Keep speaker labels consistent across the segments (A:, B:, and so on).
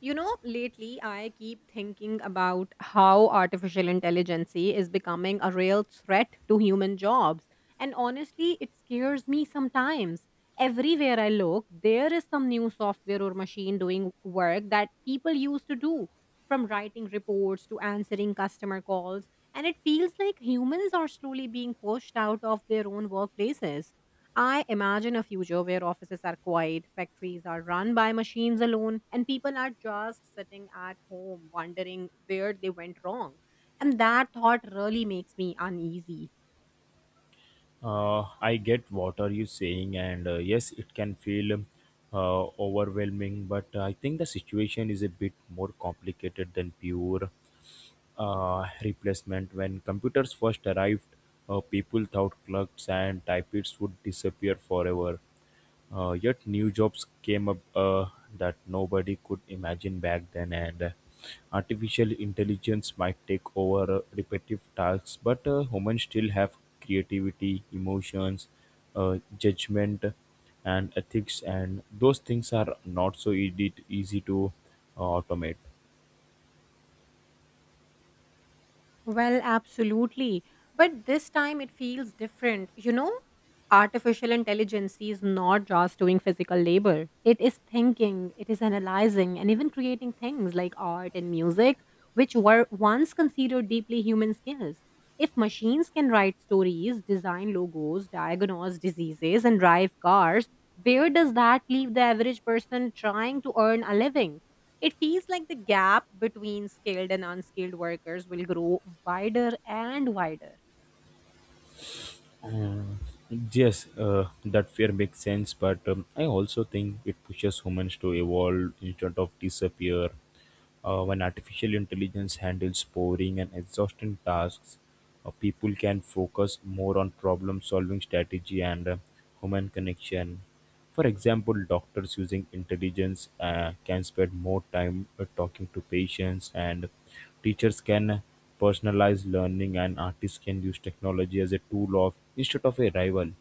A: You know, lately I keep thinking about how artificial intelligence is becoming a real threat to human jobs. And honestly, it scares me sometimes. Everywhere I look, there is some new software or machine doing work that people used to do, from writing reports to answering customer calls. And it feels like humans are slowly being pushed out of their own workplaces. I imagine a future where offices are quiet, factories are run by machines alone, and people are just sitting at home wondering where they went wrong. And that thought really makes me uneasy.
B: I get what are you saying, and yes, it can feel overwhelming. But I think the situation is a bit more complicated than pure replacement. When computers first arrived, people thought clerks and typists would disappear forever. Yet new jobs came up that nobody could imagine back then, and artificial intelligence might take over repetitive tasks, but humans still have creativity, emotions, judgment, and ethics, and those things are not so easy to automate.
A: Well, absolutely. But this time it feels different. You know, artificial intelligence is not just doing physical labor, it is thinking, it is analyzing, and even creating things like art and music, which were once considered deeply human skills. If machines can write stories, design logos, diagnose diseases, and drive cars, where does that leave the average person trying to earn a living? It feels like the gap between skilled and unskilled workers will grow wider and wider.
B: Mm. Yes, that fear makes sense, but I also think it pushes humans to evolve instead of disappear. When artificial intelligence handles boring and exhausting tasks, people can focus more on problem solving strategy and human connection. For example, doctors using intelligence can spend more time talking to patients, and teachers can personalize learning, and artists can use technology as a tool of instead of a rival.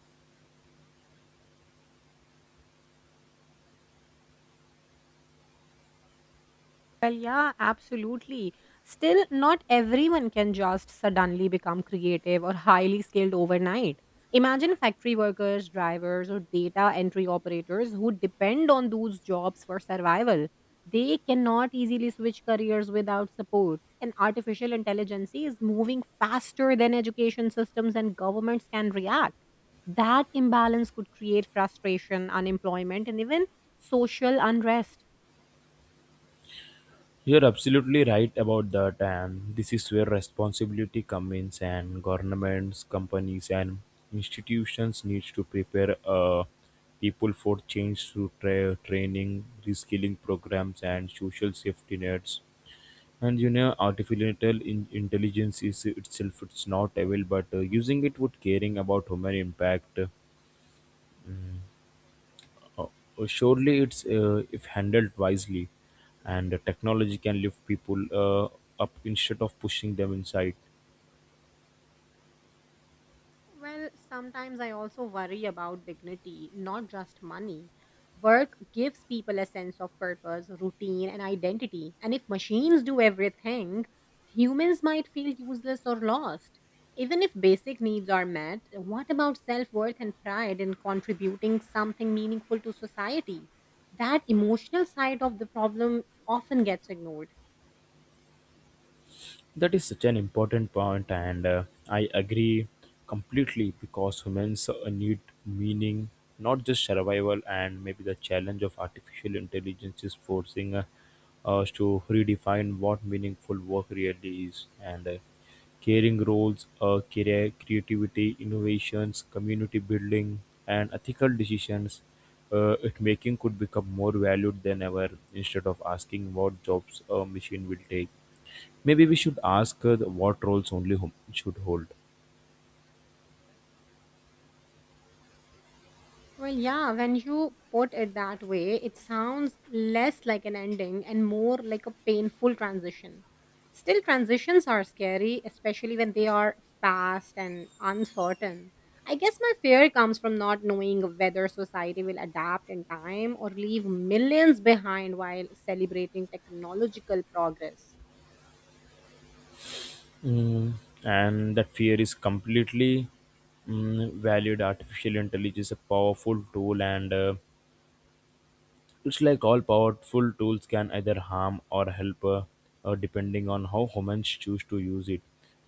A: Well, yeah, absolutely. Still, not everyone can just suddenly become creative or highly skilled overnight. Imagine factory workers, drivers, or data entry operators who depend on those jobs for survival. They cannot easily switch careers without support. And artificial intelligence is moving faster than education systems and governments can react. That imbalance could create frustration, unemployment, and even social unrest.
B: You're absolutely right about that, and this is where responsibility comes in, and governments, companies, and institutions need to prepare people for change through training, reskilling programs, and social safety nets. And artificial intelligence is itself it's not evil, but using it with caring about human impact. Uh, Surely it's if handled wisely and the technology can lift people up instead of pushing them inside.
A: Well, sometimes I also worry about dignity, not just money. Work gives people a sense of purpose, routine, and identity. And if machines do everything, humans might feel useless or lost. Even if basic needs are met, what about self worth and pride in contributing something meaningful to society? That emotional side of the problem often gets ignored.
B: That is such an important point, and I agree completely because humans need meaning, not just survival. And maybe the challenge of artificial intelligence is forcing us to redefine what meaningful work really is, and caring roles, career, creativity, innovations, community building, and ethical decisions. It making could become more valued than ever instead of asking what jobs a machine will take. Maybe we should ask what roles only should hold.
A: Well, yeah, when you put it that way, it sounds less like an ending and more like a painful transition. Still, transitions are scary, especially when they are fast and uncertain. I guess my fear comes from not knowing whether society will adapt in time or leave millions behind while celebrating technological progress.
B: Mm, and that fear is completely valid. Artificial intelligence is a powerful tool, and it's like all powerful tools can either harm or help, depending on how humans choose to use it,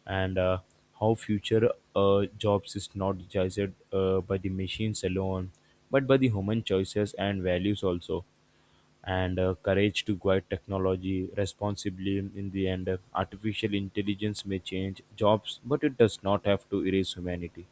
B: and how future jobs is not judged by the machines alone, but by the human choices and values also. And courage to guide technology responsibly in the end. Artificial intelligence may change jobs, but it does not have to erase humanity.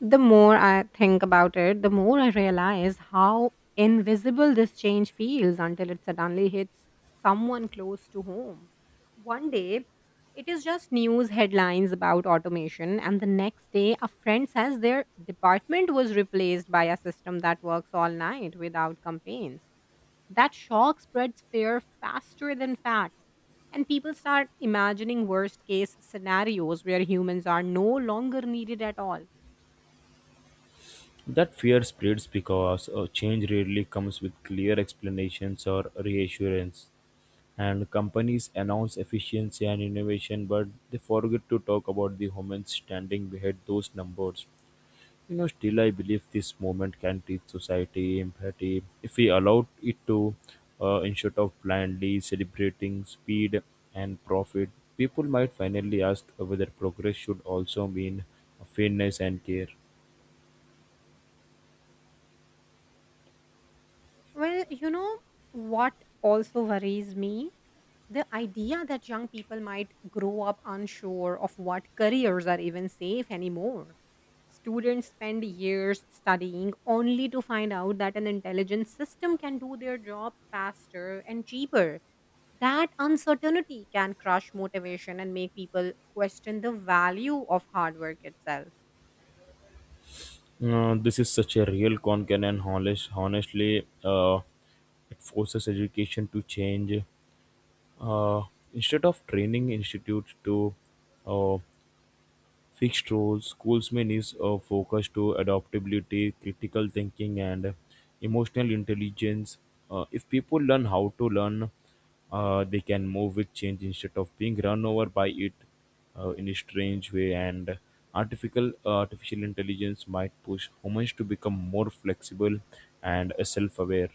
A: The more I think about it, the more I realize how invisible this change feels until it suddenly hits someone close to home. One day, it is just news headlines about automation, and the next day, a friend says their department was replaced by a system that works all night without complaints. That shock spreads fear faster than facts. And people start imagining worst case scenarios where humans are no longer needed at all.
B: That fear spreads because change rarely comes with clear explanations or reassurance. And companies announce efficiency and innovation, but they forget to talk about the humans standing behind those numbers. Still, I believe this movement can teach society empathy if we allow it to. Instead of blindly celebrating speed and profit, people might finally ask whether progress should also mean fairness and care.
A: Well, you know what also worries me? The idea that young people might grow up unsure of what careers are even safe anymore. Students spend years studying only to find out that an intelligent system can do their job faster and cheaper. That uncertainty can crush motivation and make people question the value of hard work itself.
B: This is such a real concern, and honestly, it forces education to change. Uh, instead of training institutes to uh, fixed roles. School's may need a focus to adaptability, critical thinking, and emotional intelligence. If people learn how to learn, they can move with change instead of being run over by it in a strange way. And artificial intelligence might push humans to become more flexible and self-aware.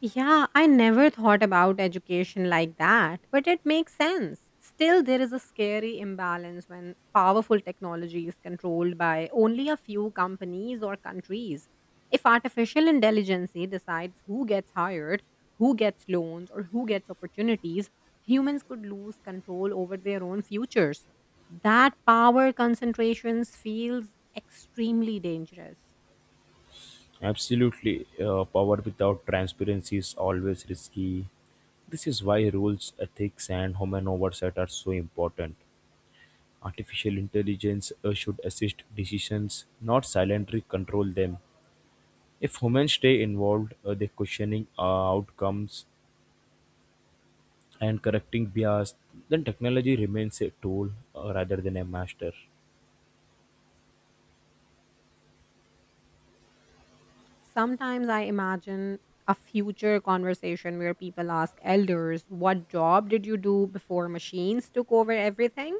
A: Yeah, I never thought about education like that, but it makes sense. Still, there is a scary imbalance when powerful technology is controlled by only a few companies or countries. If artificial intelligence decides who gets hired, who gets loans, or who gets opportunities, humans could lose control over their own futures. That power concentration feels extremely dangerous.
B: Absolutely. Power without transparency is always risky. This is why rules, ethics, and human oversight are so important. Artificial intelligence should assist decisions, not silently control them. If humans stay involved, they questioning outcomes and correcting bias, then technology remains a tool rather than a master.
A: Sometimes I imagine a future conversation where people ask elders, what job did you do before machines took over everything?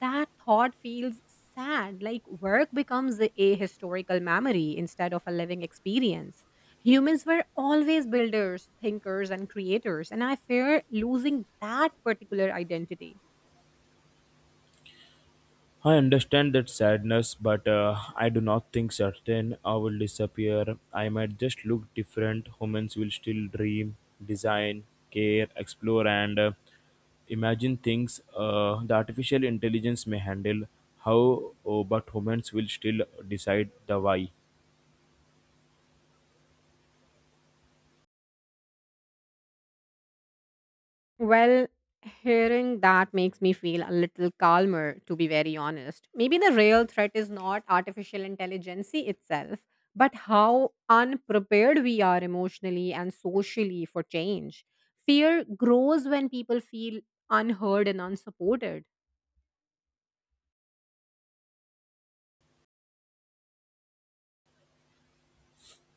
A: That thought feels sad. Like work becomes a historical memory instead of a living experience. Humans were always builders, thinkers, and creators, and I fear losing that particular identity.
B: I understand that sadness, but I do not think certain I will disappear. I might just look different. Humans will still dream, design, care, explore, and imagine things the artificial intelligence may handle. How, oh, but humans will still decide the why.
A: Well, hearing that makes me feel a little calmer, to be very honest. Maybe the real threat is not artificial intelligence itself, but how unprepared we are emotionally and socially for change. Fear grows when people feel unheard and unsupported.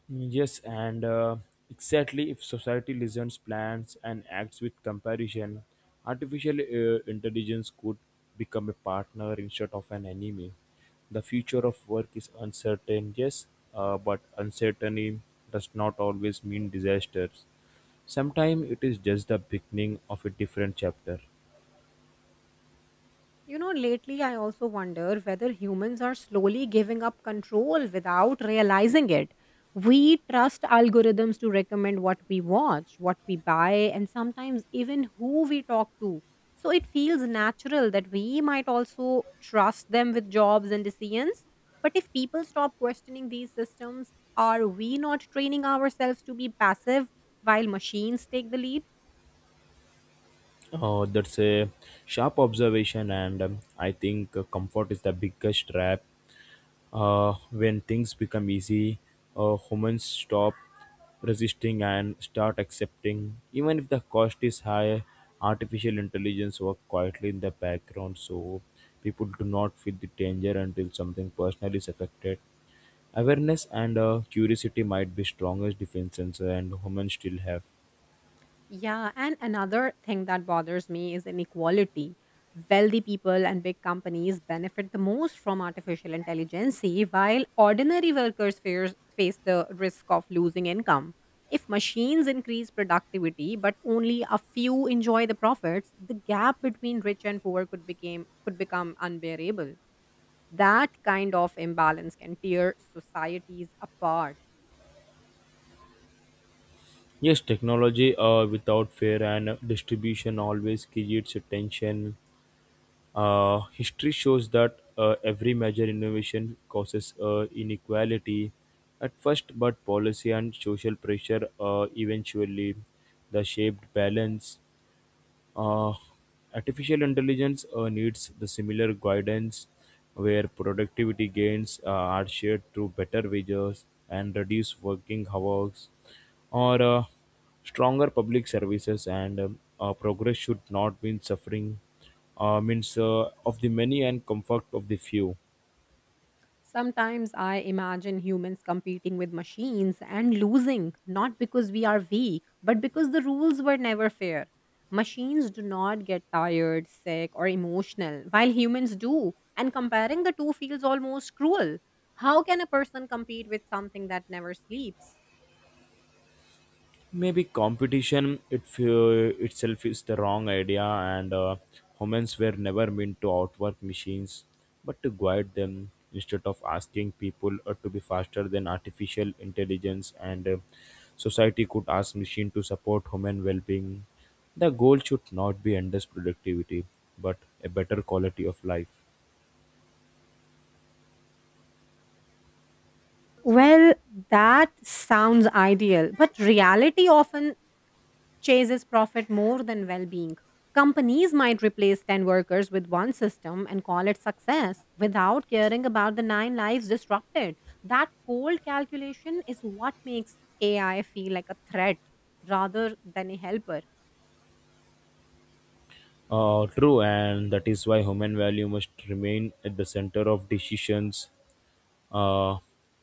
B: Yes, and exactly if society listens, plans, and acts with comparison, artificial intelligence could become a partner instead of an enemy. The future of work is uncertain, yes, but uncertainty does not always mean disasters. Sometimes it is just the beginning of a different chapter.
A: You know, lately I also wonder whether humans are slowly giving up control without realizing it. We trust algorithms to recommend what we watch, what we buy, and sometimes even who we talk to. So it feels natural that we might also trust them with jobs and decisions. But if people stop questioning these systems, are we not training ourselves to be passive while machines take the lead?
B: Oh, that's a sharp observation, and I think comfort is the biggest trap. When things become easy, humans stop resisting and start accepting. Even if the cost is high, artificial intelligence works quietly in the background, so people do not feel the danger until something personal is affected. Awareness and curiosity might be strongest defenses, and humans still have.
A: Yeah, and another thing that bothers me is inequality. Wealthy people and big companies benefit the most from artificial intelligence, while ordinary workers face the risk of losing income. If machines increase productivity, but only a few enjoy the profits, the gap between rich and poor could became could become unbearable. That kind of imbalance can tear societies apart.
B: Yes, technology without fair and distribution always creates a tension. History shows that every major innovation causes inequality at first, but policy and social pressure eventually the shaped balance. Uh, artificial intelligence needs the similar guidance where productivity gains are shared through better wages and reduced working hours or stronger public services. And progress should not mean suffering means of the many and comfort of the few.
A: Sometimes I imagine humans competing with machines and losing, not because we are weak, but because the rules were never fair. Machines do not get tired, sick, or emotional, while humans do. And comparing the two feels almost cruel. How can a person compete with something that never sleeps?
B: Maybe competition itself is the wrong idea, and humans were never meant to outwork machines but to guide them. Instead of asking people to be faster than artificial intelligence, and society could ask machine to support human well-being. The goal should not be endless productivity, but a better quality of life.
A: Well, that sounds ideal, but reality often chases profit more than well being. Companies might replace 10 workers with one system and call it success without caring about the nine lives disrupted. That cold calculation is what makes AI feel like a threat rather than a helper.
B: True, and that is why human value must remain at the center of decisions. Uh,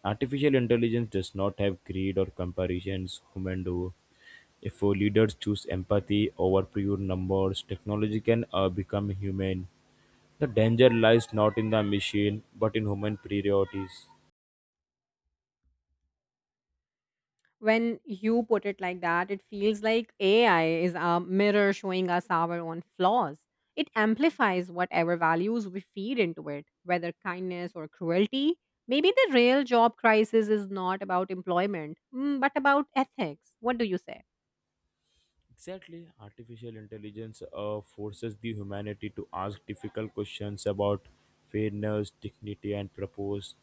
B: artificial intelligence does not have greed or comparisons. Human do. If our leaders choose empathy over pure numbers, technology can become human. The danger lies not in the machine, but in human priorities.
A: When you put it like that, it feels like AI is a mirror showing us our own flaws. It amplifies whatever values we feed into it, whether kindness or cruelty. Maybe the real job crisis is not about employment, but about ethics. What do you say?
B: Exactly, artificial intelligence forces the humanity to ask difficult questions about fairness, dignity, and purpose.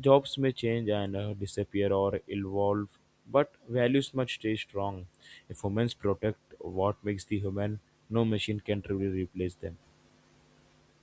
B: Jobs may change and disappear or evolve, but values must stay strong. If humans protect what makes the human, no machine can truly replace them.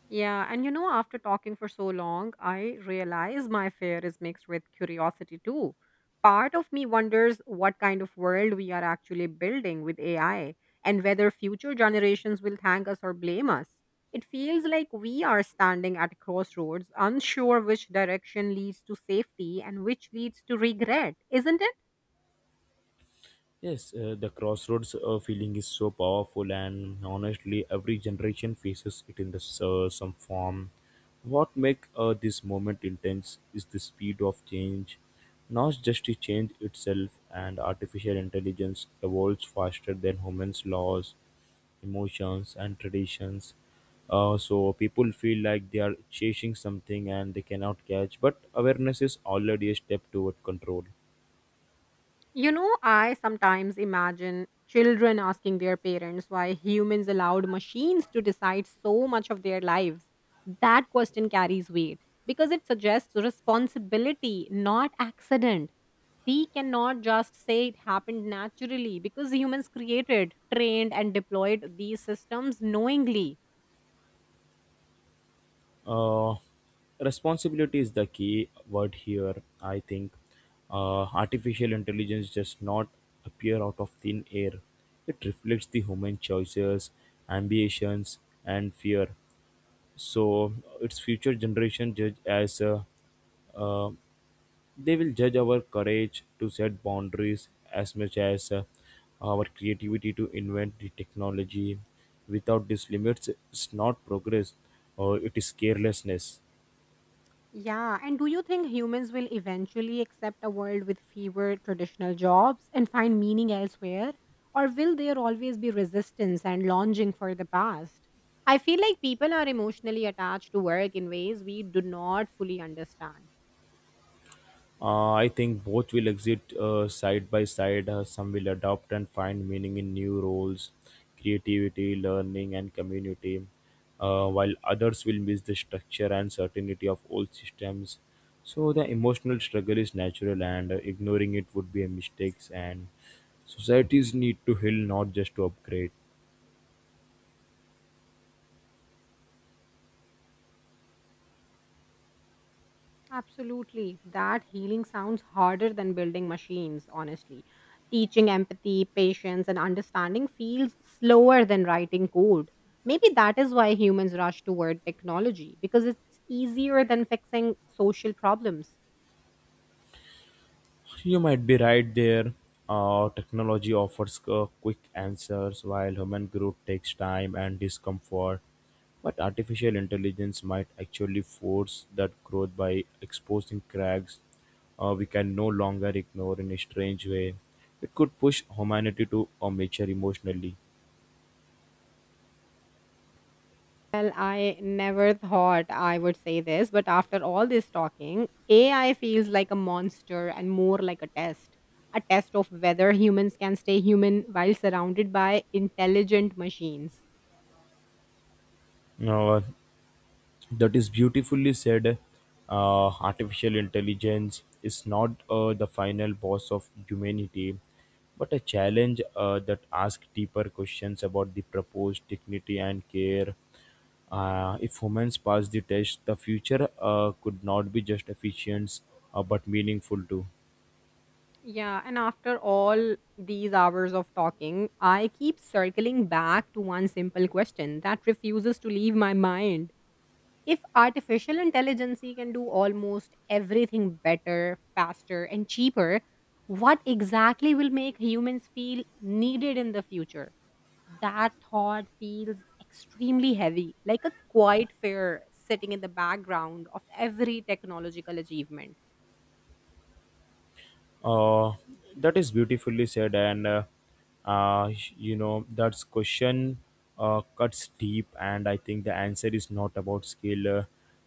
A: Yeah, and you know, after talking for so long, I realize my fear is mixed with curiosity too. Part of me wonders what kind of world we are actually building with AI and whether future generations will thank us or blame us. It feels like we are standing at a crossroads, unsure which direction leads to safety and which leads to regret, isn't it?
B: Yes, the crossroads feeling is so powerful, and honestly, every generation faces it in some form. What makes this moment intense is the speed of change, not just the change itself, and artificial intelligence evolves faster than humans' laws, emotions, and traditions. So people feel like they are chasing something and they cannot catch, but awareness is already a step toward control.
A: You know, I sometimes imagine children asking their parents why humans allowed machines to decide so much of their lives. That question carries weight because it suggests responsibility, not accident. We cannot just say it happened naturally because humans created, trained, and deployed these systems knowingly.
B: Uh, responsibility is the key word here. I think artificial intelligence does not appear out of thin air. It reflects the human choices, ambitions, and fear. So its future generation judge as uh, they will judge our courage to set boundaries as much as our creativity to invent the technology. Without these limits, it's not progress or it is carelessness.
A: Yeah, and do you think humans will eventually accept a world with fewer traditional jobs and find meaning elsewhere? Or will there always be resistance and longing for the past? I feel like people are emotionally attached to work in ways we do not fully understand.
B: I think both will exist side by side. Some will adopt and find meaning in new roles, creativity, learning, and community, while others will miss the structure and certainty of old systems. So the emotional struggle is natural, and ignoring it would be a mistake. And societies need to heal, not just to upgrade.
A: Absolutely. That healing sounds harder than building machines, honestly. Teaching empathy, patience, and understanding feels slower than writing code. Maybe that is why humans rush toward technology, because it's easier than fixing social problems.
B: You might be right there. Technology offers quick answers while human growth takes time and discomfort. But artificial intelligence might actually force that growth by exposing cracks we can no longer ignore in a strange way. It could push humanity to a mature emotionally.
A: Well, I never thought I would say this, but after all this talking, AI feels like a monster and more like a test. A test of whether humans can stay human while surrounded by intelligent machines.
B: Uh, that is beautifully said. Artificial intelligence is not the final boss of humanity, but a challenge that asks deeper questions about the proposed dignity and care. If humans pass the test, the future could not be just efficient but meaningful too.
A: Yeah, and after all these hours of talking, I keep circling back to one simple question that refuses to leave my mind. If artificial intelligence can do almost everything better, faster, and cheaper, what exactly will make humans feel needed in the future? That thought feels extremely heavy, like a quiet fear sitting in the background of every technological achievement.
B: Uh, that is beautifully said, and uh, you know that question cuts deep, and I think the answer is not about skill, uh,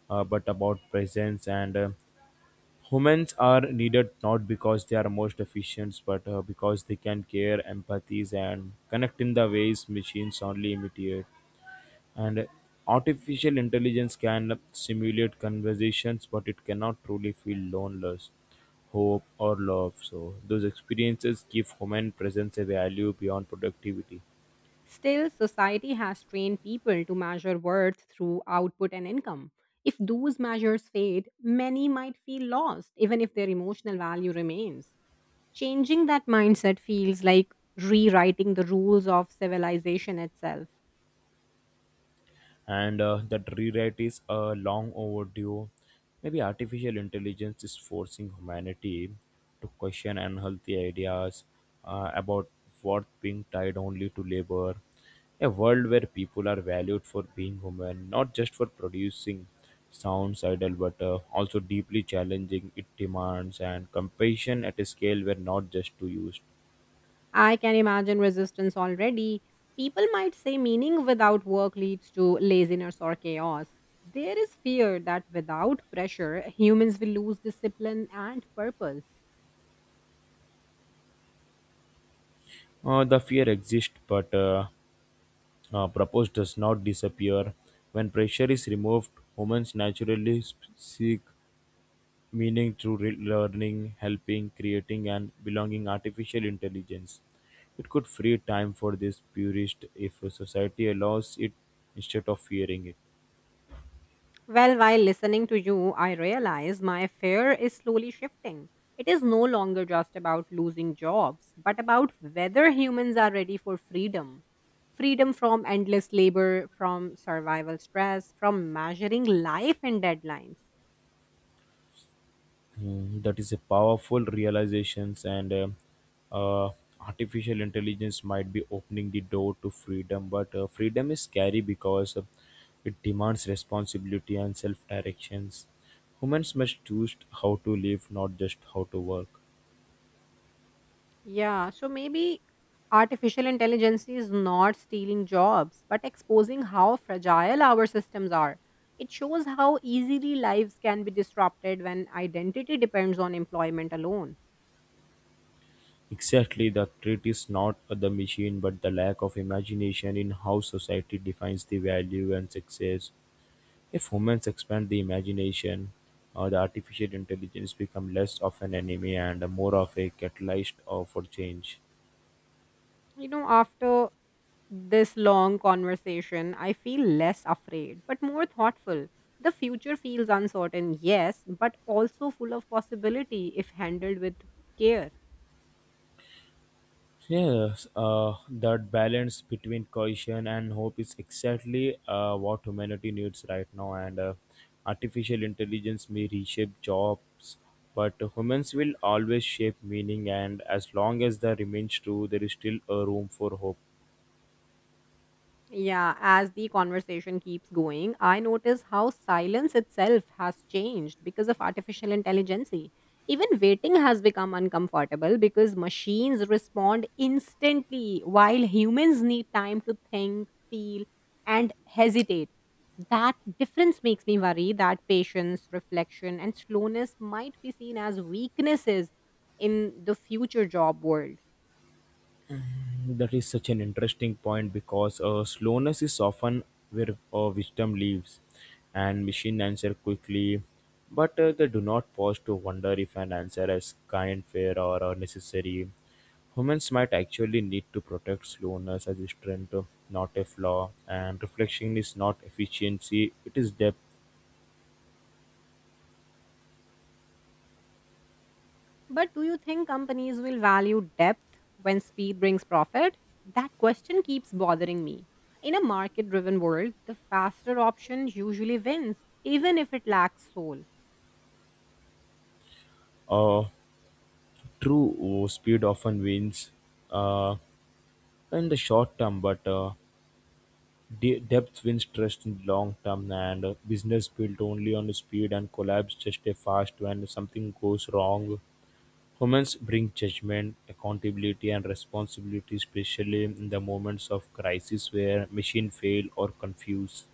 B: uh, but about presence. And humans are needed not because they are most efficient, but because they can care, empathies, and connect in the ways machines only imitate. And artificial intelligence can simulate conversations, but it cannot truly feel loneliness, hope, or love, so those experiences give human presence a value beyond productivity.
A: Still, society has trained people to measure worth through output and income. If those measures fade, many might feel lost, even if their emotional value remains. Changing that mindset feels like rewriting the rules of civilization itself.
B: And that rewrite is a long overdue. Maybe artificial intelligence is forcing humanity to question unhealthy ideas about worth being tied only to labor. A world where people are valued for being human, not just for producing sounds idle, but also deeply challenging it demands and compassion at a scale where not just to use.
A: I can imagine resistance already. People might say meaning without work leads to laziness or chaos. There is fear that without pressure, humans will lose discipline and purpose.
B: The fear exists, but purpose does not disappear. When pressure is removed, humans naturally seek meaning through learning, helping, creating, and belonging artificial intelligence. It could free time for this purist if a society allows it instead of fearing it.
A: Well, while listening to you, I realize my fear is slowly shifting. It is no longer just about losing jobs, but about whether humans are ready for freedom. Freedom from endless labor, from survival stress, from measuring life in deadlines.
B: Mm, that is a powerful realizations, and uh, artificial intelligence might be opening the door to freedom, but freedom is scary because it demands responsibility and self-directions. Humans must choose how to live, not just how to work.
A: Yeah, so maybe artificial intelligence is not stealing jobs, but exposing how fragile our systems are. It shows how easily lives can be disrupted when identity depends on employment alone.
B: Exactly, the threat is not the machine but the lack of imagination in how society defines the value and success. If humans expand the imagination, the artificial intelligence become less of an enemy and more of a catalyst, for change.
A: You know, after this long conversation, I feel less afraid, but more thoughtful. The future feels uncertain, yes, but also full of possibility if handled with care.
B: Yes, that balance between caution and hope is exactly what humanity needs right now. And artificial intelligence may reshape jobs, but humans will always shape meaning. And as long as that remains true, there is still a room for hope.
A: Yeah, as the conversation keeps going, I notice how silence itself has changed because of artificial intelligence. Even waiting has become uncomfortable because machines respond instantly while humans need time to think, feel, and hesitate. That difference makes me worry that patience, reflection, and slowness might be seen as weaknesses in the future job world.
B: That is such an interesting point because slowness is often where wisdom lives, and machine answer quickly, but they do not pause to wonder if an answer is kind, fair, or necessary. Humans might actually need to protect slowness as a strength, not a flaw, and reflection is not efficiency, it is depth.
A: But do you think companies will value depth when speed brings profit? That question keeps bothering me. In a market driven world, the faster option usually wins, even if it lacks soul.
B: Uh, True, speed often wins uh, in the short term, but depth wins trust in long-term, and business built only on speed and collapse just a fast when something goes wrong. Humans bring judgment, accountability and responsibility, especially in the moments of crisis where machine fail or confuse.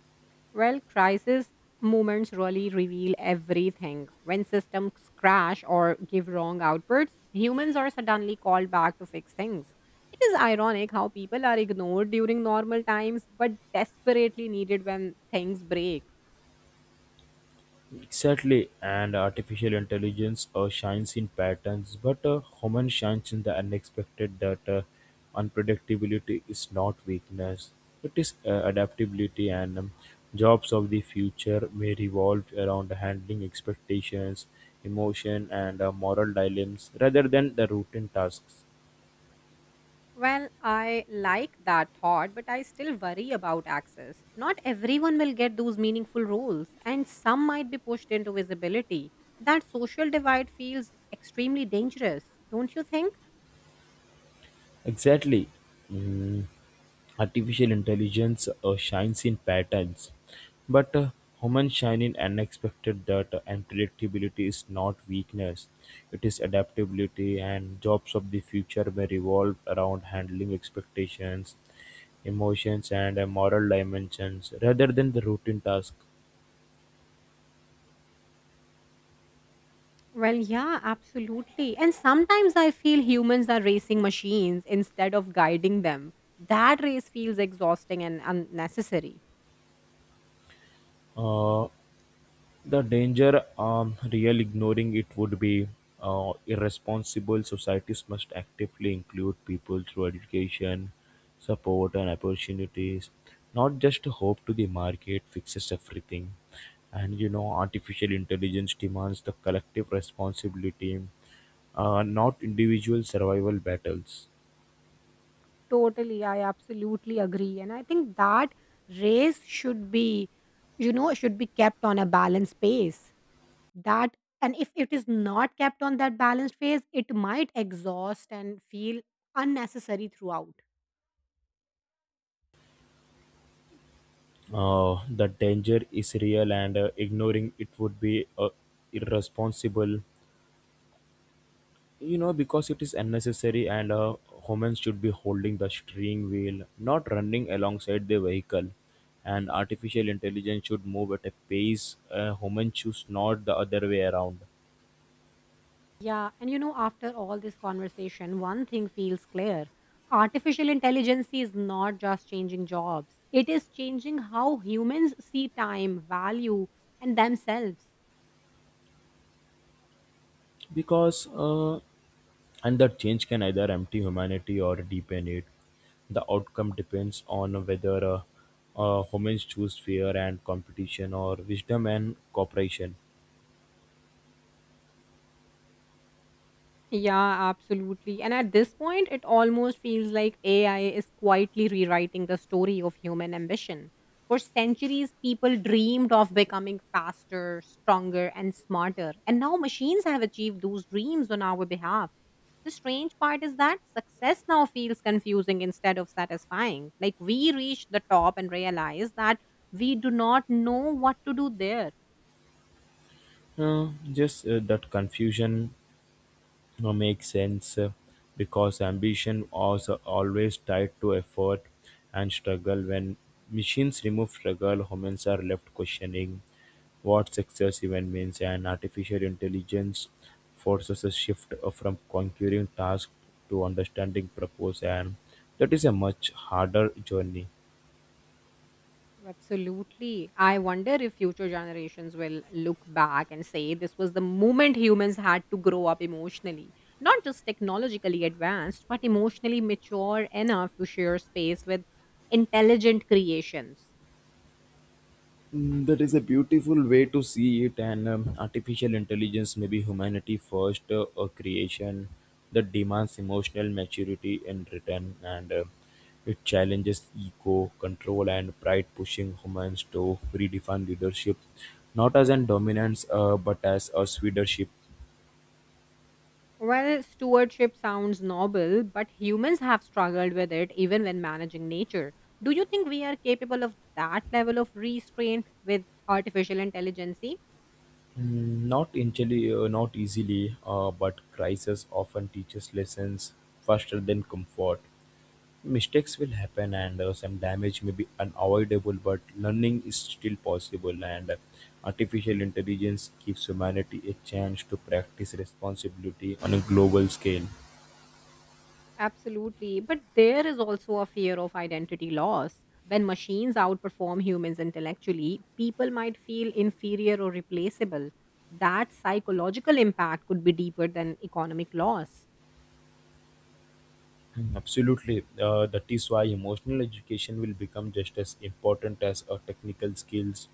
A: Well, crisis moments really reveal everything. When systems crash or give wrong outputs, humans are suddenly called back to fix things. It is ironic how people are ignored during normal times but desperately needed when things break.
B: Exactly, and artificial intelligence shines in patterns, but human shines in the unexpected. That unpredictability is not weakness; it is adaptability. And jobs of the future may revolve around handling expectations, emotion, and moral dilemmas rather than the routine tasks.
A: Well, I like that thought, but I still worry about access. Not everyone will get those meaningful roles, and some might be pushed into visibility. That social divide feels extremely dangerous, don't you think?
B: Exactly. Mm, artificial intelligence shines in patterns, but humans shine in unexpected data, and predictability is not weakness, it is adaptability, and jobs of the future may revolve around handling expectations, emotions, and moral dimensions rather than the routine task.
A: Well, yeah, absolutely. And sometimes I feel humans are racing machines instead of guiding them. That race feels exhausting and unnecessary.
B: Uh, The danger real, ignoring it would be irresponsible. Societies must actively include people through education, support, and opportunities, not just hope to the market fixes everything. And you know, artificial intelligence demands the collective responsibility, not individual survival battles.
A: Totally, I absolutely agree. And I think that race should be kept on a balanced pace. That and if it is not kept on that balanced phase, it might exhaust and feel unnecessary throughout.
B: The danger is real, and ignoring it would be irresponsible, you know, because it is unnecessary and humans should be holding the steering wheel, not running alongside the vehicle, and artificial intelligence should move at a pace humans choose, not the other way around.
A: Yeah, and you know, after all this conversation, one thing feels clear. Artificial intelligence is not just changing jobs, it is changing how humans see time, value, and themselves.
B: Because And that change can either empty humanity or deepen it. The outcome depends on whether humans choose fear and competition or wisdom and cooperation.
A: Yeah, absolutely. And at this point, it almost feels like AI is quietly rewriting the story of human ambition. For centuries, people dreamed of becoming faster, stronger, and smarter. And now machines have achieved those dreams on our behalf. The strange part is that success now feels confusing instead of satisfying. Like we reach the top and realize that we do not know what to do there.
B: Just That confusion makes sense because ambition was always tied to effort and struggle. When machines remove struggle, humans are left questioning what success even means, and artificial intelligence forces a shift, from conquering tasks to understanding purpose, and that is a much harder journey.
A: Absolutely. I wonder if future generations will look back and say this was the moment humans had to grow up emotionally, not just technologically advanced, but emotionally mature enough to share space with intelligent creations.
B: Mm, that is a beautiful way to see it, and artificial intelligence may be humanity first a creation that demands emotional maturity in return, and it challenges ego, control, and pride, pushing humans to redefine leadership not as an dominance, but as a leadership.
A: Well, stewardship sounds noble, but humans have struggled with it even when managing nature. Do you think we are capable of that level of restraint with artificial intelligence?
B: Mm, not easily, not easily, but crisis often teaches lessons faster than comfort. Mistakes will happen, and some damage may be unavoidable, but learning is still possible, and artificial intelligence gives humanity a chance to practice responsibility on a global scale.
A: Absolutely. But there is also a fear of identity loss. When machines outperform humans intellectually, people might feel inferior or replaceable. That psychological impact could be deeper than economic loss.
B: Mm, absolutely. That is why emotional education will become just as important as technical skills,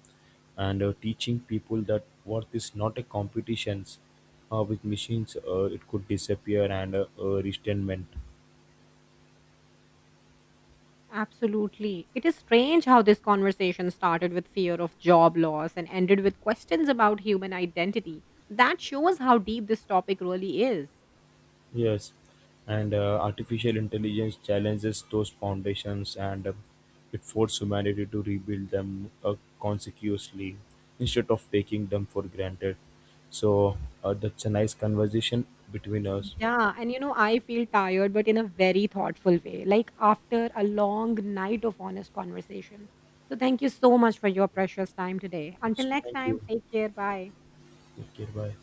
B: and teaching people that worth is not a competition with machines, it could disappear and resentment.
A: Absolutely. It is strange how this conversation started with fear of job loss and ended with questions about human identity. That shows how deep this topic really is.
B: Yes, and artificial intelligence challenges those foundations, and it forces humanity to rebuild them, consciously, instead of taking them for granted. So, that's a nice conversation between us.
A: Yeah, and you know, I feel tired, but in a very thoughtful way, like after a long night of honest conversation. So, thank you so much for your precious time today.
B: So,
A: Until next
B: thank
A: time,
B: you.
A: take care. Bye.
B: Take care. Bye.